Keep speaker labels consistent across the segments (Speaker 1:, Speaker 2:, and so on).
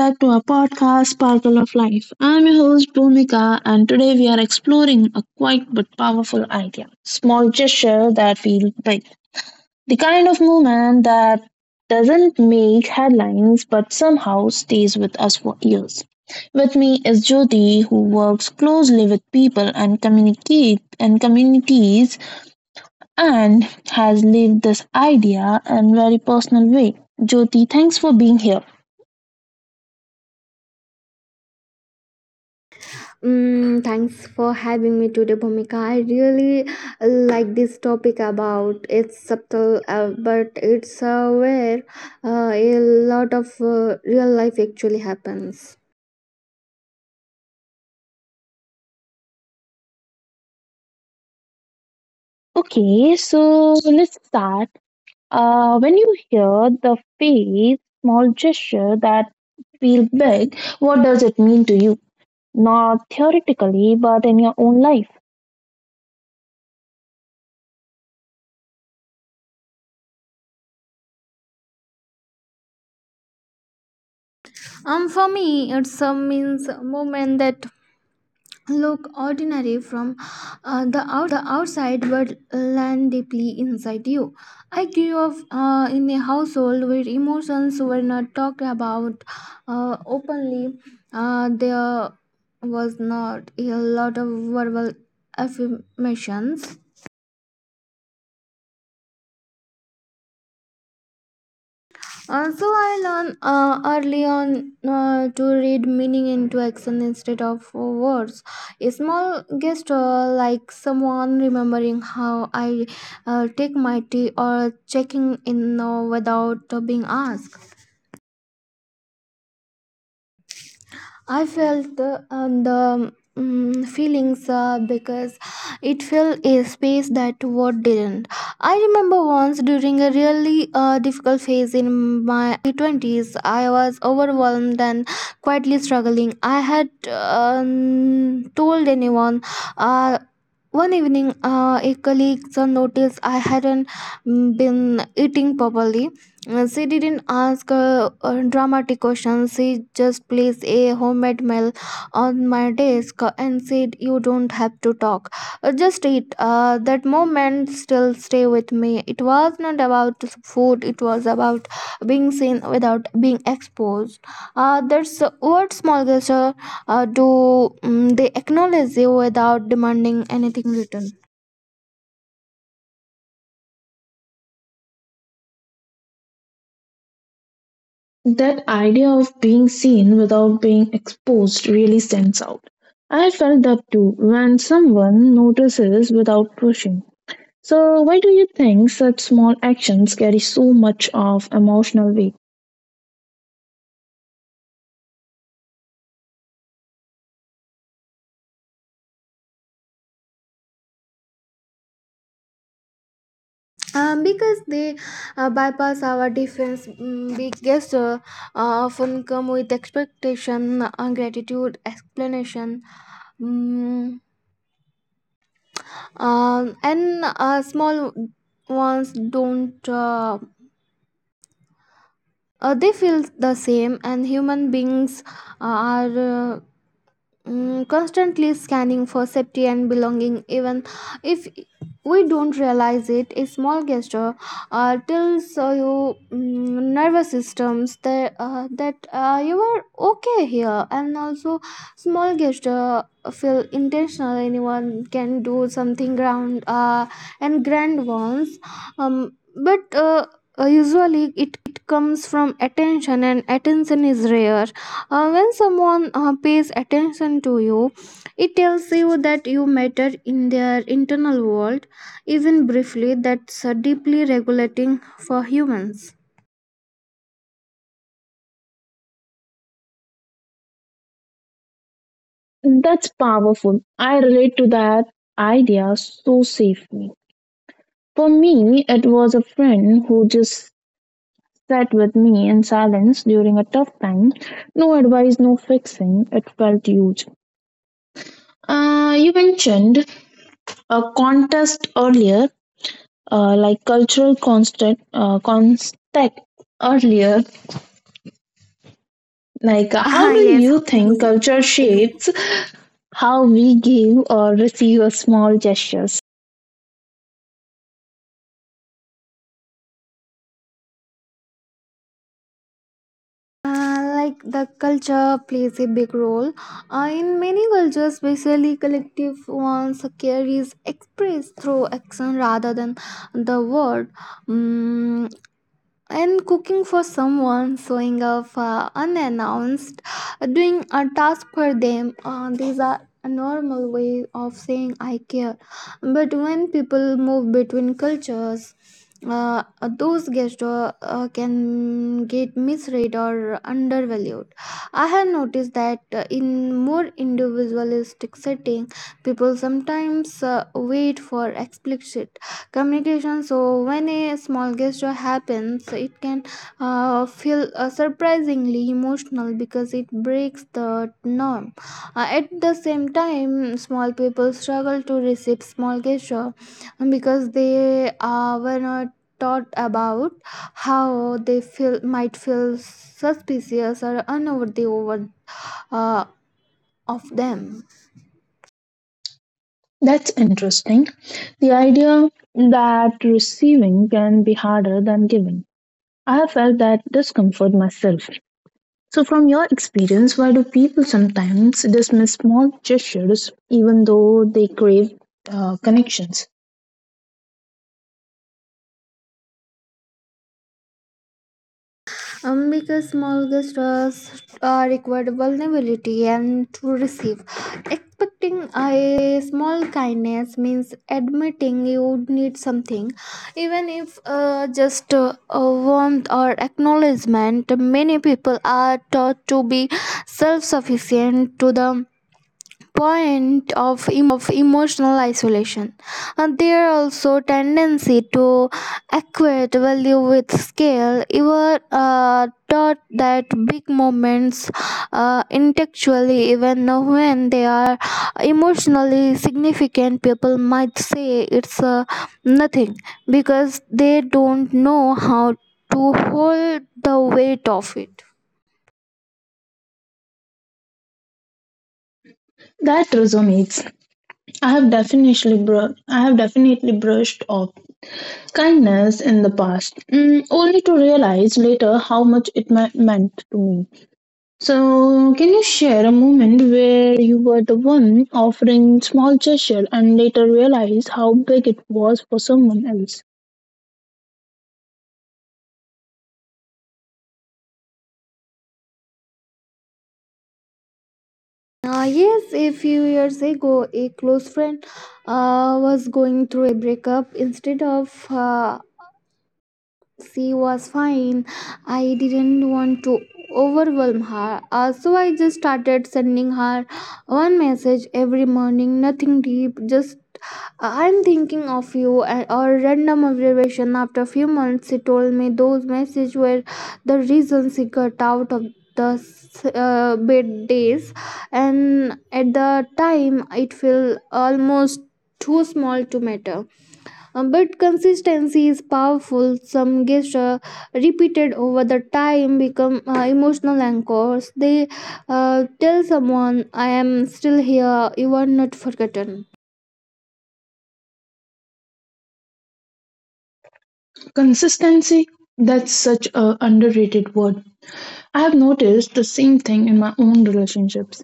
Speaker 1: back to our podcast, Sparkle of Life. I'm your host, Bhumika, and today we are exploring a quiet but powerful idea, small gesture that feels big. The kind of movement that doesn't make headlines but somehow stays with us for years. With me is Jyoti, who works closely with people and communicate and communities and has lived this idea in a very personal way. Jyoti, thanks for being here.
Speaker 2: Thanks for having me today, Bhumika. I really like this topic about it's subtle, but it's where a lot of real life actually happens.
Speaker 1: Okay, so let's start. When you hear the phrase small gesture that feel big, what does it mean to you? Not theoretically, but in your own life.
Speaker 2: For me, it's a means moment that look ordinary from the outside but land deeply inside you. I grew up in a household where emotions were not talked about openly. There was not a lot of verbal affirmations. So I learned early on to read meaning into action instead of words. A small gesture, like someone remembering how I take my tea or checking in without being asked, I felt the feelings, because it filled a space that word didn't. I remember once during a really difficult phase in my early 20s, I was overwhelmed and quietly struggling. I had told anyone. Uh, One evening, a colleague noticed I hadn't been eating properly. She didn't ask dramatic questions. She just placed a homemade meal on my desk and said, "You don't have to talk. Just eat." That moment still stay with me. It was not about food. It was about being seen without being exposed. That's what small gesture do. They acknowledge you without demanding anything written.
Speaker 1: That idea of being seen without being exposed really stands out. I felt that too when someone notices without pushing. So, why do you think such small actions carry so much of emotional weight?
Speaker 2: Because they bypass our defense, biggest often come with expectation, gratitude, explanation, mm, and small ones don't, they feel the same. And human beings are uh, constantly scanning for safety and belonging, even if we don't realize it. A small gesture tells your nervous systems that you are okay here. And also small gesture feel intentional. Anyone can do something grand, and grand ones, um, but usually it comes from attention, and attention is rare. When someone pays attention to you, it tells you that you matter in their internal world, even briefly. That's deeply regulating for humans.
Speaker 1: That's powerful. I relate to that idea so safely. For me, it was a friend who just sat with me in silence during a tough time. No advice, no fixing. It felt huge. You mentioned a contest earlier, like cultural constant, contact earlier. Like, how
Speaker 2: Ah,
Speaker 1: do
Speaker 2: yes.
Speaker 1: you think
Speaker 2: Mhm.
Speaker 1: culture
Speaker 2: Agree.
Speaker 1: shapes how we give or receive a small gestures?
Speaker 2: Like the culture plays a big role. In many cultures, especially collective ones, care is expressed through action rather than the word. Mm, and cooking for someone, showing up unannounced, doing a task for them, these are a normal way of saying I care. But when people move between cultures, uh, those gestures can get misread or undervalued. I have noticed that in more individualistic setting, people sometimes wait for explicit communication. So when a small gesture happens, it can feel surprisingly emotional because it breaks the norm. At the same time, small people struggle to receive small gesture because they were not taught about how they feel, might feel suspicious or unworthy over uh, of them,
Speaker 1: That's interesting. The idea that receiving can be harder than giving. I have felt that discomfort myself. So, from your experience, why do people sometimes dismiss small gestures even though they crave connections?
Speaker 2: because small gestures required vulnerability and to receive. Expecting a small kindness means admitting you need something, even if just a warmth or acknowledgement. Many people are taught to be self sufficient to the point of emotional isolation. And there also tendency to equate value with scale. You were taught that big moments intellectually, even when they are emotionally significant, people might say it's nothing because they don't know how to hold the weight of it.
Speaker 1: That resonates. I have definitely brushed off kindness in the past, only to realize later how much it meant to me. So, can you share a moment where you were the one offering small gesture and later realized how big it was for someone else?
Speaker 2: Yes, a few years ago, a close friend was going through a breakup. Instead of she was fine. I didn't want to overwhelm her, so I just started sending her one message every morning, nothing deep, just I'm thinking of you and or random observation. After a few months, she told me those messages were the reason she got out of the bed days, and at the time, it felt almost too small to matter. But consistency is powerful. Some gestures repeated over the time become emotional anchors. They tell someone, I am still here, you are not forgotten.
Speaker 1: Consistency, that's such a underrated word. I have noticed the same thing in my own relationships.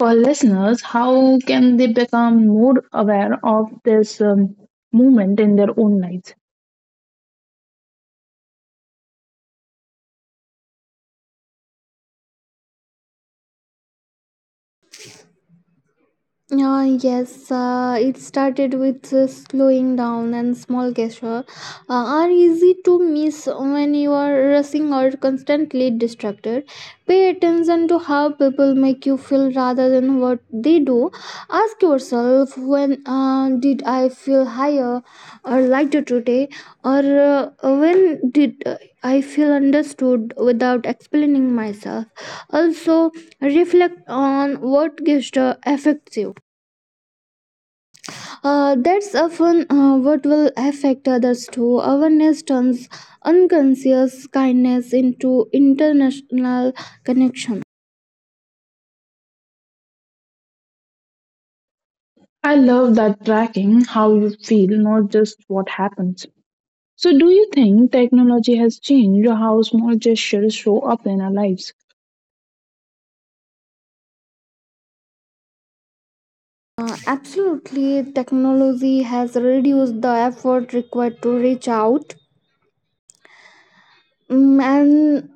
Speaker 1: For listeners, how can they become more aware of this movement in their own lives?
Speaker 2: Yes, it started with slowing down. And small gestures are easy to miss when you are rushing or constantly distracted. Pay attention to how people make you feel rather than what they do. Ask yourself, when did I feel higher or lighter today? Or when did I feel understood without explaining myself? Also, reflect on what gesture affects you. That's often what will affect others too. Awareness turns unconscious kindness into international connection.
Speaker 1: I love that, tracking how you feel, not just what happens. So, do you think technology has changed how small gestures show up in our lives?
Speaker 2: Absolutely, technology has reduced the effort required to reach out. And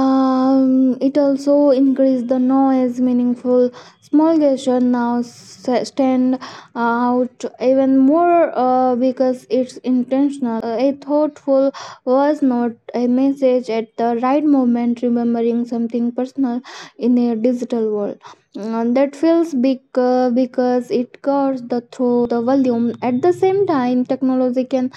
Speaker 2: it also increase the noise. Meaningful small gesture now stand out even more because it's intentional. A thoughtful was not a message at the right moment, remembering something personal in a digital world, that feels big because it cuts the through the volume. At the same time, technology can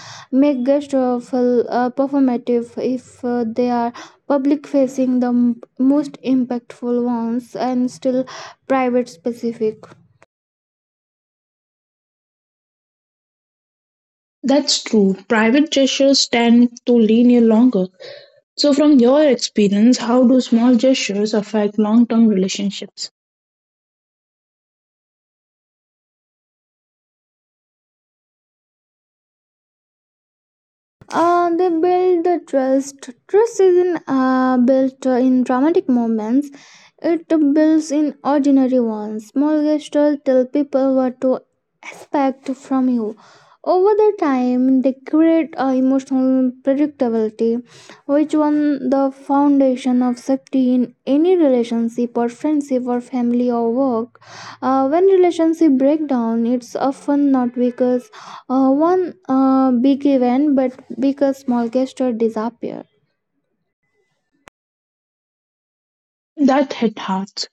Speaker 2: make guests feel performative if they are public facing. The most impactful ones and still private specific,
Speaker 1: That's true. Private gestures tend to linger longer. So, from your experience, how do small gestures affect long term relationships?
Speaker 2: they build the trust isn't built in dramatic moments, it builds in ordinary ones. Small gestures tell people what to expect from you over the time. They create emotional predictability, which one the foundation of safety in any relationship or friendship or family or work. When relationship break down, it's often not because one big event but because small gesture disappear.
Speaker 1: That hit hearts.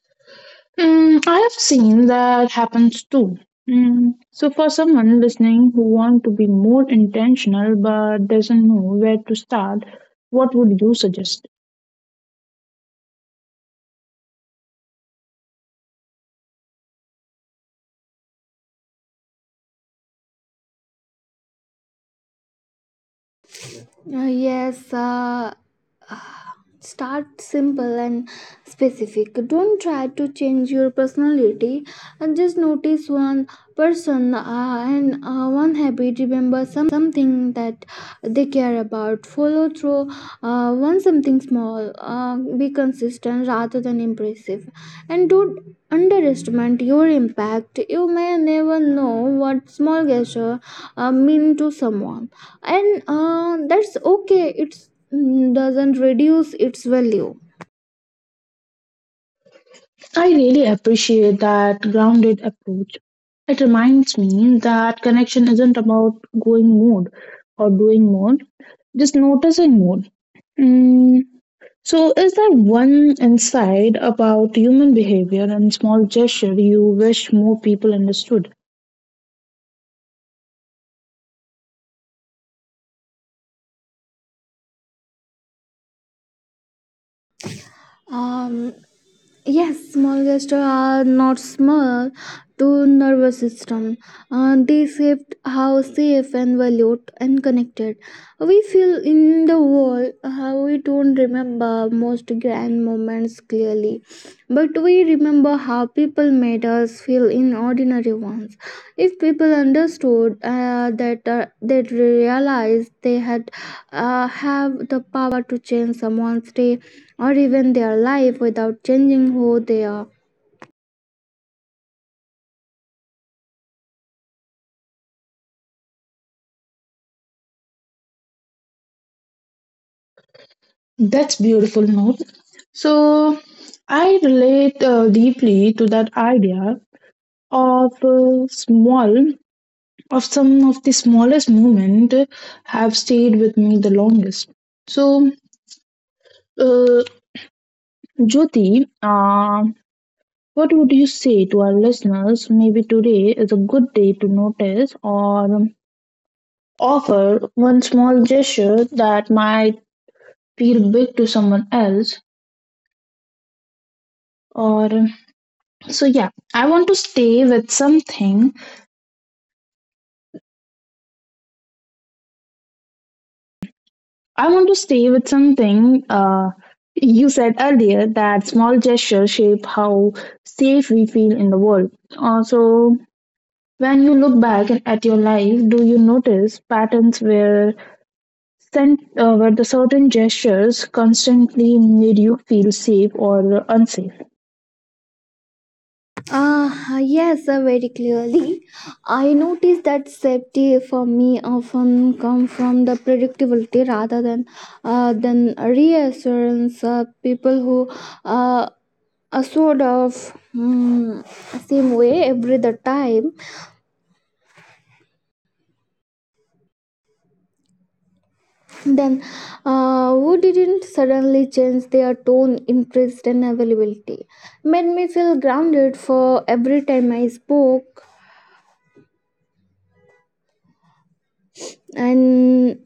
Speaker 1: I have seen that happens too. So, for someone listening who wants to be more intentional but doesn't know where to start, what would you suggest?
Speaker 2: Yes, uh, start simple and specific. Don't try to change your personality and just notice one person and one habit. Remember something that they care about. Follow through on something small. Be consistent rather than impressive. And don't underestimate your impact. You may never know what small gesture mean to someone, and that's okay. It's doesn't reduce its value.
Speaker 1: I really appreciate that grounded approach. It reminds me that connection isn't about going mode or doing mode, just noticing mode. Mm. So, is there one insight about human behavior and small gesture you wish more people understood?
Speaker 2: Um, yes, small gestures are not small to nervous system. They shape how safe and valued and connected we feel in the world. How we don't remember most grand moments clearly, but we remember how people made us feel in ordinary ones. If people understood that they realized they had have the power to change someone's day or even their life without changing who they are.
Speaker 1: That's beautiful note. So, I relate deeply to that idea of small of some of the smallest moment have stayed with me the longest. So, uh, Jyoti, what would you say to our listeners? Maybe today is a good day to notice or offer one small gesture that might feel big to someone else. Or so, yeah, I want to stay with something you said earlier that small gestures shape how safe we feel in the world. So when you look back at your life, do you notice patterns where sent, where the certain gestures constantly made you feel safe or unsafe?
Speaker 2: Ah, yes, very clearly. I noticed that safety for me often come from the predictability rather than reassurance. People who uh, a sort of mm, same way every the time, then, who didn't suddenly change their tone, interest, and availability made me feel grounded. For every time I spoke, and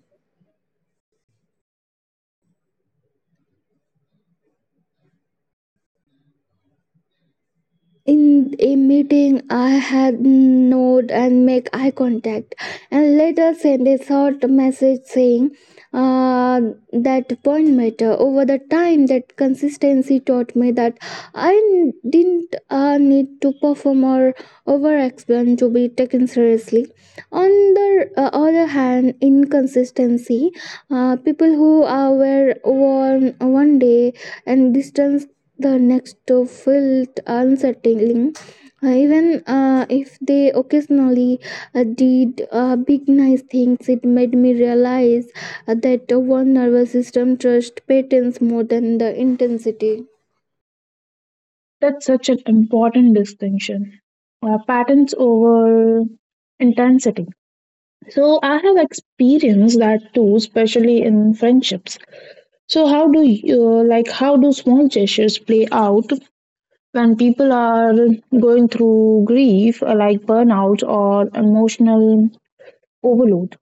Speaker 2: in a meeting, I had nod and make eye contact, and later send a short message saying uh, that point matter. Over the time, that consistency taught me that I didn't need to perform or over explain to be taken seriously. On the other hand, inconsistency, people who are were one, day and distance the next to felt unsettling, even if they occasionally did big nice things. It made me realize that one nervous system trusts patterns more than the intensity.
Speaker 1: That's such an important distinction. Patterns over intensity. So I have experienced that too, especially in friendships. So how do small gestures play out when people are going through grief like burnout or emotional overload?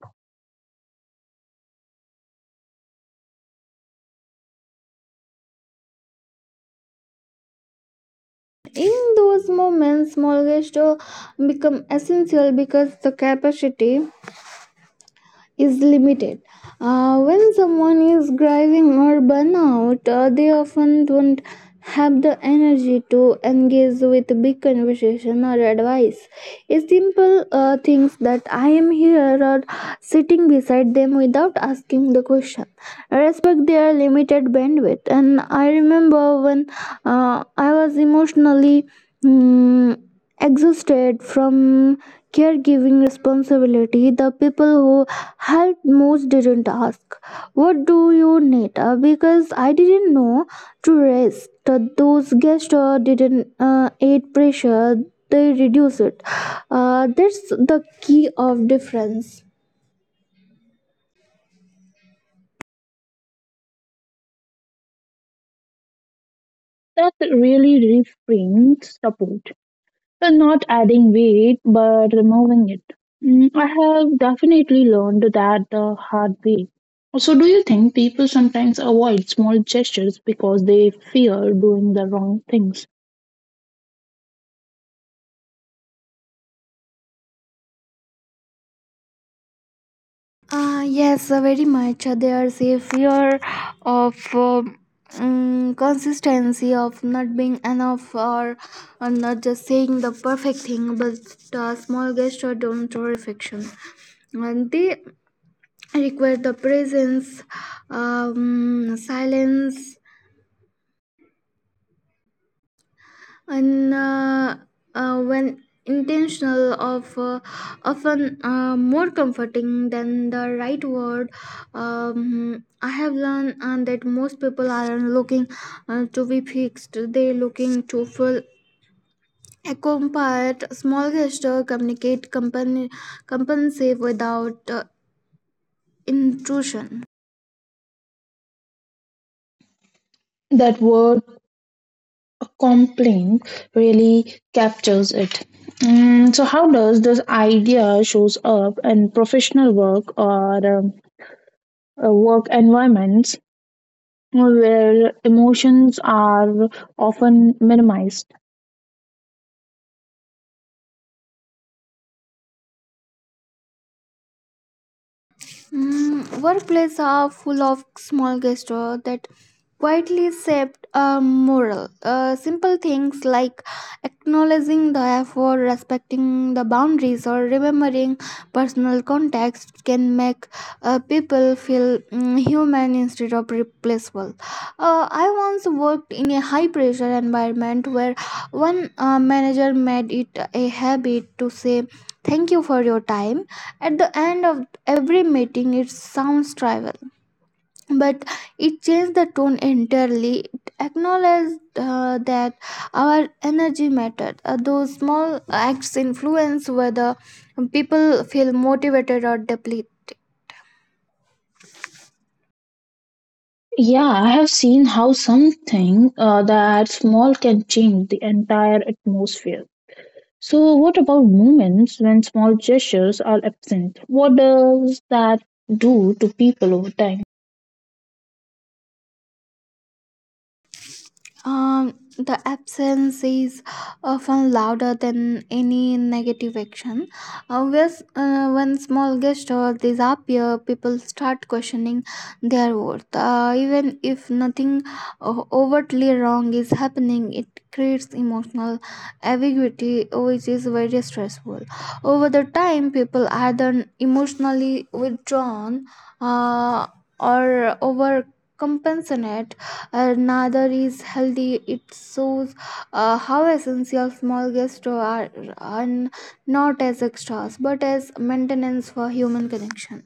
Speaker 2: In those moments, small gestures become essential because the capacity is limited. When someone is driving or burnout, they often don't have the energy to engage with big conversation or advice. A simple things that I am here or sitting beside them without asking the question. Respect their limited bandwidth. And I remember when I was emotionally, mm, exhausted from caregiving responsibility. The people who helped most didn't ask what do you need, because I didn't know to rest. Those guests didn't aid pressure, they reduce it. That's the key of difference.
Speaker 1: That really reframes support. So not adding weight but removing it. I have definitely learned that the hard way. So do you think people sometimes avoid small gestures because they fear doing the wrong things
Speaker 2: Yes, very much. There's a fear of consistency, of not being enough, or not just saying the perfect thing. But small gesture don't require perfection. And they require the presence, silence, and when intentional of often more comforting than the right word. I have learned that most people aren't looking to be fixed, they're looking to feel accompanied. Small gesture communicate company compensate without intrusion.
Speaker 1: that were A complaint really captures it. So, how does this idea shows up in professional work or work environments where emotions are often minimized?
Speaker 2: Workplaces are full of small gestures that quietly shape a moral. Simple things like acknowledging the effort, respecting the boundaries, or remembering personal context can make people feel human instead of replaceable. I once worked in a high pressure environment where one manager made it a habit to say, "Thank you for your time" at the end of every meeting. It sounds trivial, but it changed the tone entirely. It acknowledged that our energy mattered. Those small acts influence whether people feel motivated or depleted.
Speaker 1: Yeah, I have seen how something that small can change the entire atmosphere. So, what about moments when small gestures are absent? What does that do to people over time?
Speaker 2: The absence is often louder than any negative action. When small gestures disappear, people start questioning their worth. Even if nothing overtly wrong is happening, it creates emotional ambiguity, which is very stressful. Over the time, people are then emotionally withdrawn uh, or overcompensate another is healthy. It shows how essential small gestures are not as extras but as maintenance for human connection.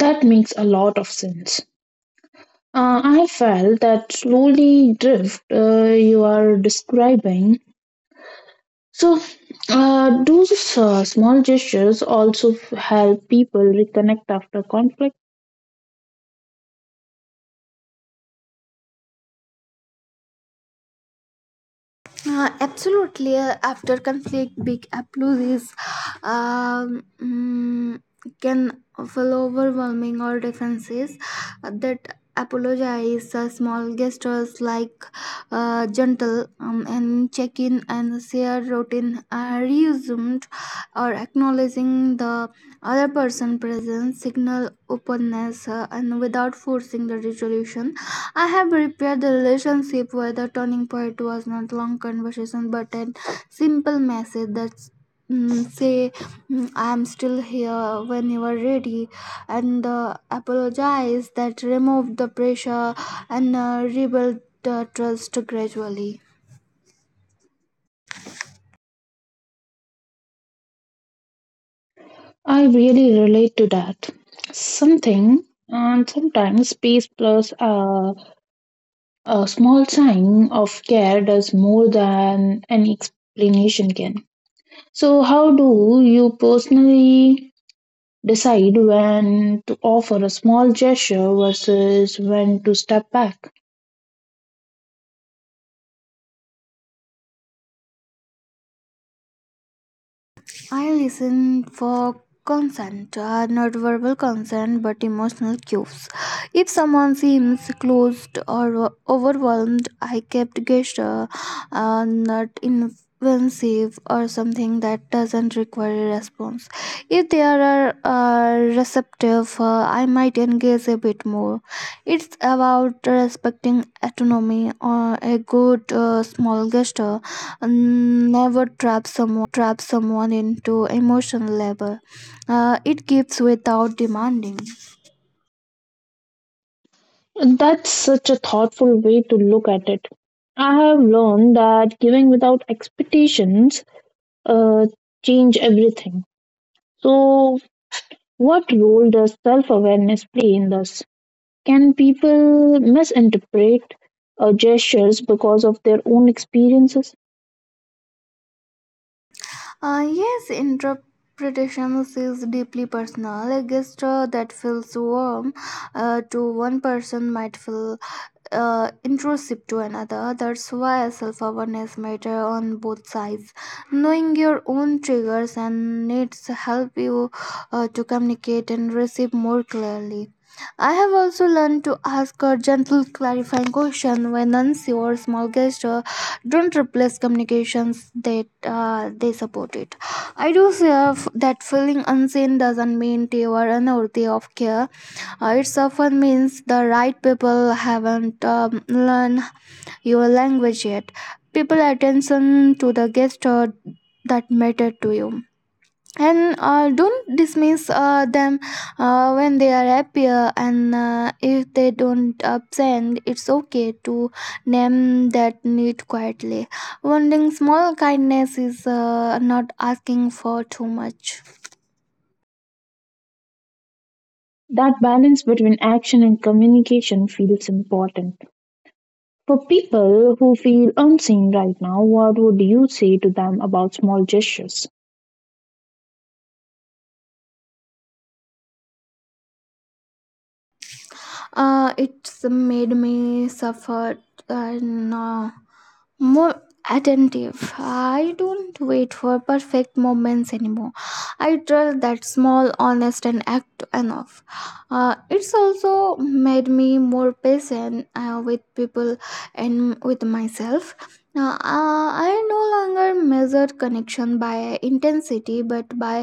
Speaker 1: That makes a lot of sense. I felt that slowly drift you are describing. So, do these small gestures also help people reconnect after conflict?
Speaker 2: Absolutely. After conflict, big applauses um, mm, can feel overwhelming or defenses that apologize. Small gestures like gentle and check in and share routine are resumed or acknowledging the other person presence signal openness and without forcing the resolution. I have repaired the relationship where the turning point was not long conversation but a simple message that say I'm still here when you are ready. And apologize that removed the pressure and rebuilt the trust gradually.
Speaker 1: I really relate to that. Something, and sometimes peace plus a small sign of care does more than an explanation can. So, how do you personally decide when to offer a small gesture versus when to step back?
Speaker 2: I listen for consent, not verbal consent, but emotional cues. If someone seems closed or overwhelmed, I kept gesture, not invasive or something that doesn't require a response. If they are receptive, I might engage a bit more. It's about respecting autonomy, or a good small gesture and never trap someone into emotional labor. It gives without demanding.
Speaker 1: That's such a thoughtful way to look at it. I have learned that giving without expectations uh, change everything. So, what role does self-awareness play in this? Can people misinterpret gestures because of their own experiences?
Speaker 2: Yes, interpretations is deeply personal. A gesture that feels warm to one person might feel intrusive to another. That's why self awareness matter on both sides. Knowing your own triggers and needs help you to communicate and receive more clearly. I have also learned to ask a gentle clarifying question when unsure. Small gesture don't replace communications that they support it. I do say that feeling unseen doesn't mean they were unworthy of care. It's often means the right people haven't learned your language yet. People attention to the guest that matter to you. And don't dismiss them when they are happier. And if they don't absent, it's okay to name that need quietly. Wanting small kindness is not asking for too much.
Speaker 1: That balance between action and communication feels important. For people who feel unseen right now, what would you say to them about small gestures?
Speaker 2: It's made me suffer. And no more attentive. I don't wait for perfect moments anymore. I trust that small, honest, and act enough. It's also made me more patient with people and with myself. Now, I no longer measure connection by intensity but by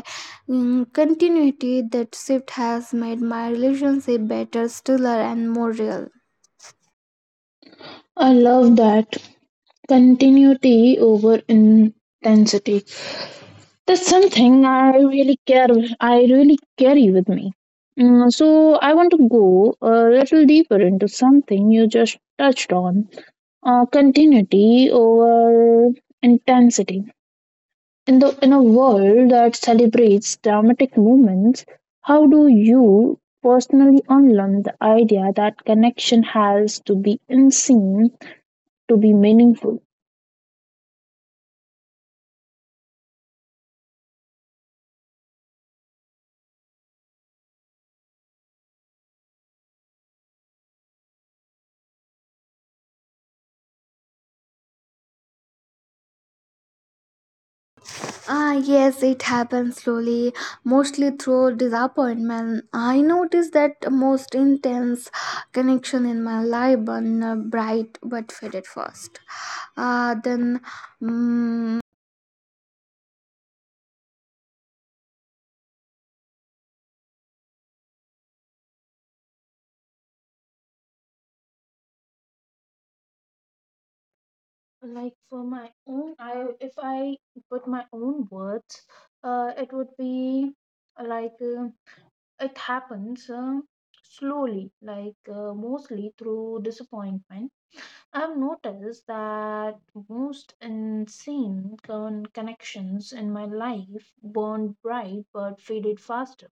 Speaker 2: continuity. That shift has made my relationship better, stiller, and more real.
Speaker 1: I love that. Continuity over intensity. That's something I really care. I really carry with me. So I want to go a little deeper into something you just touched on: continuity over intensity. In a world that celebrates dramatic moments, how do you personally unlearn the idea that connection has to be unseen to be meaningful?
Speaker 2: Ah, yes, it happens slowly, mostly through disappointment. I noticed that most intense connection in my life, and bright but faded first. Then mm,
Speaker 1: Like, for my own, I if I put my own words, it would be like, it happens, slowly, like, mostly through disappointment. I've noticed that most insane connections in my life burned bright but faded faster.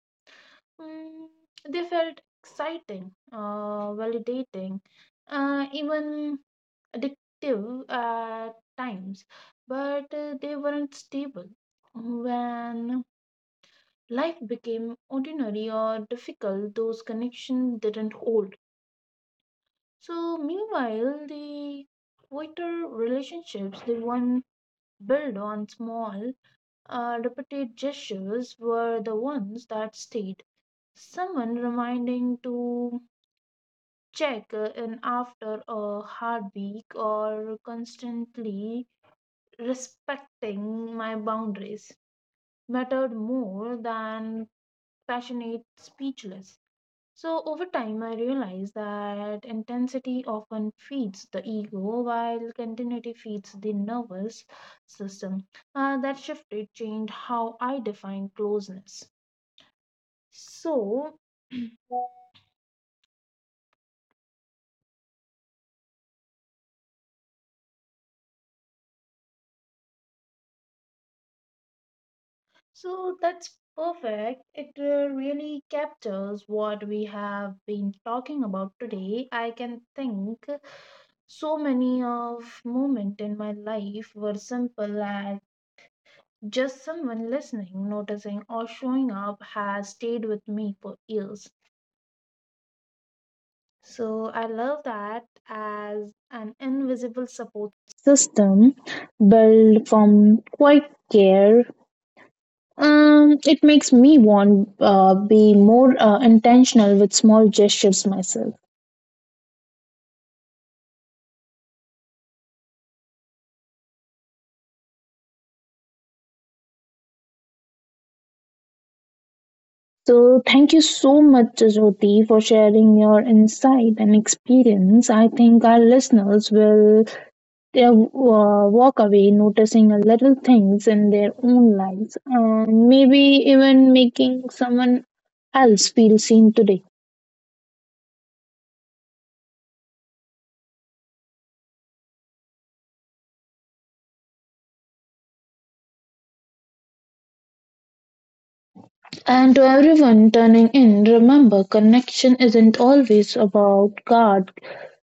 Speaker 1: Mm, they felt exciting, validating, even addictive at times, but they weren't stable. When life became ordinary or difficult, those connections didn't hold. So, meanwhile, the quieter relationships, the one built on small, repeated gestures, were the ones that stayed. Someone reminding to check in after a hard week or constantly respecting my boundaries mattered more than passionate speechless. So over time, I realized that intensity often feeds the ego, while continuity feeds the nervous system. That shifted changed how I define closeness. So, so that's perfect. It really captures what we have been talking about today. I can think so many of moment in my life were simple and just someone listening, noticing, or showing up has stayed with me for years. So I love that as an invisible support system built from quiet care. It makes me want be more intentional with small gestures myself. So thank you so much, Jyoti, for sharing your insight and experience. I think our listeners will They walk away noticing little things in their own lives and maybe even making someone else feel seen today. And to everyone turning in, remember, connection isn't always about God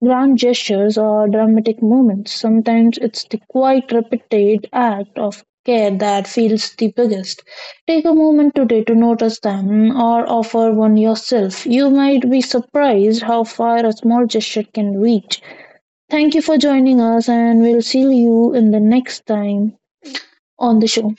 Speaker 1: grand gestures or dramatic moments. Sometimes it's the quiet, repeated act of care that feels the biggest. Take a moment today to notice them or offer one yourself. You might be surprised how far a small gesture can reach. Thank you for joining us, and we'll see you in the next time on the show.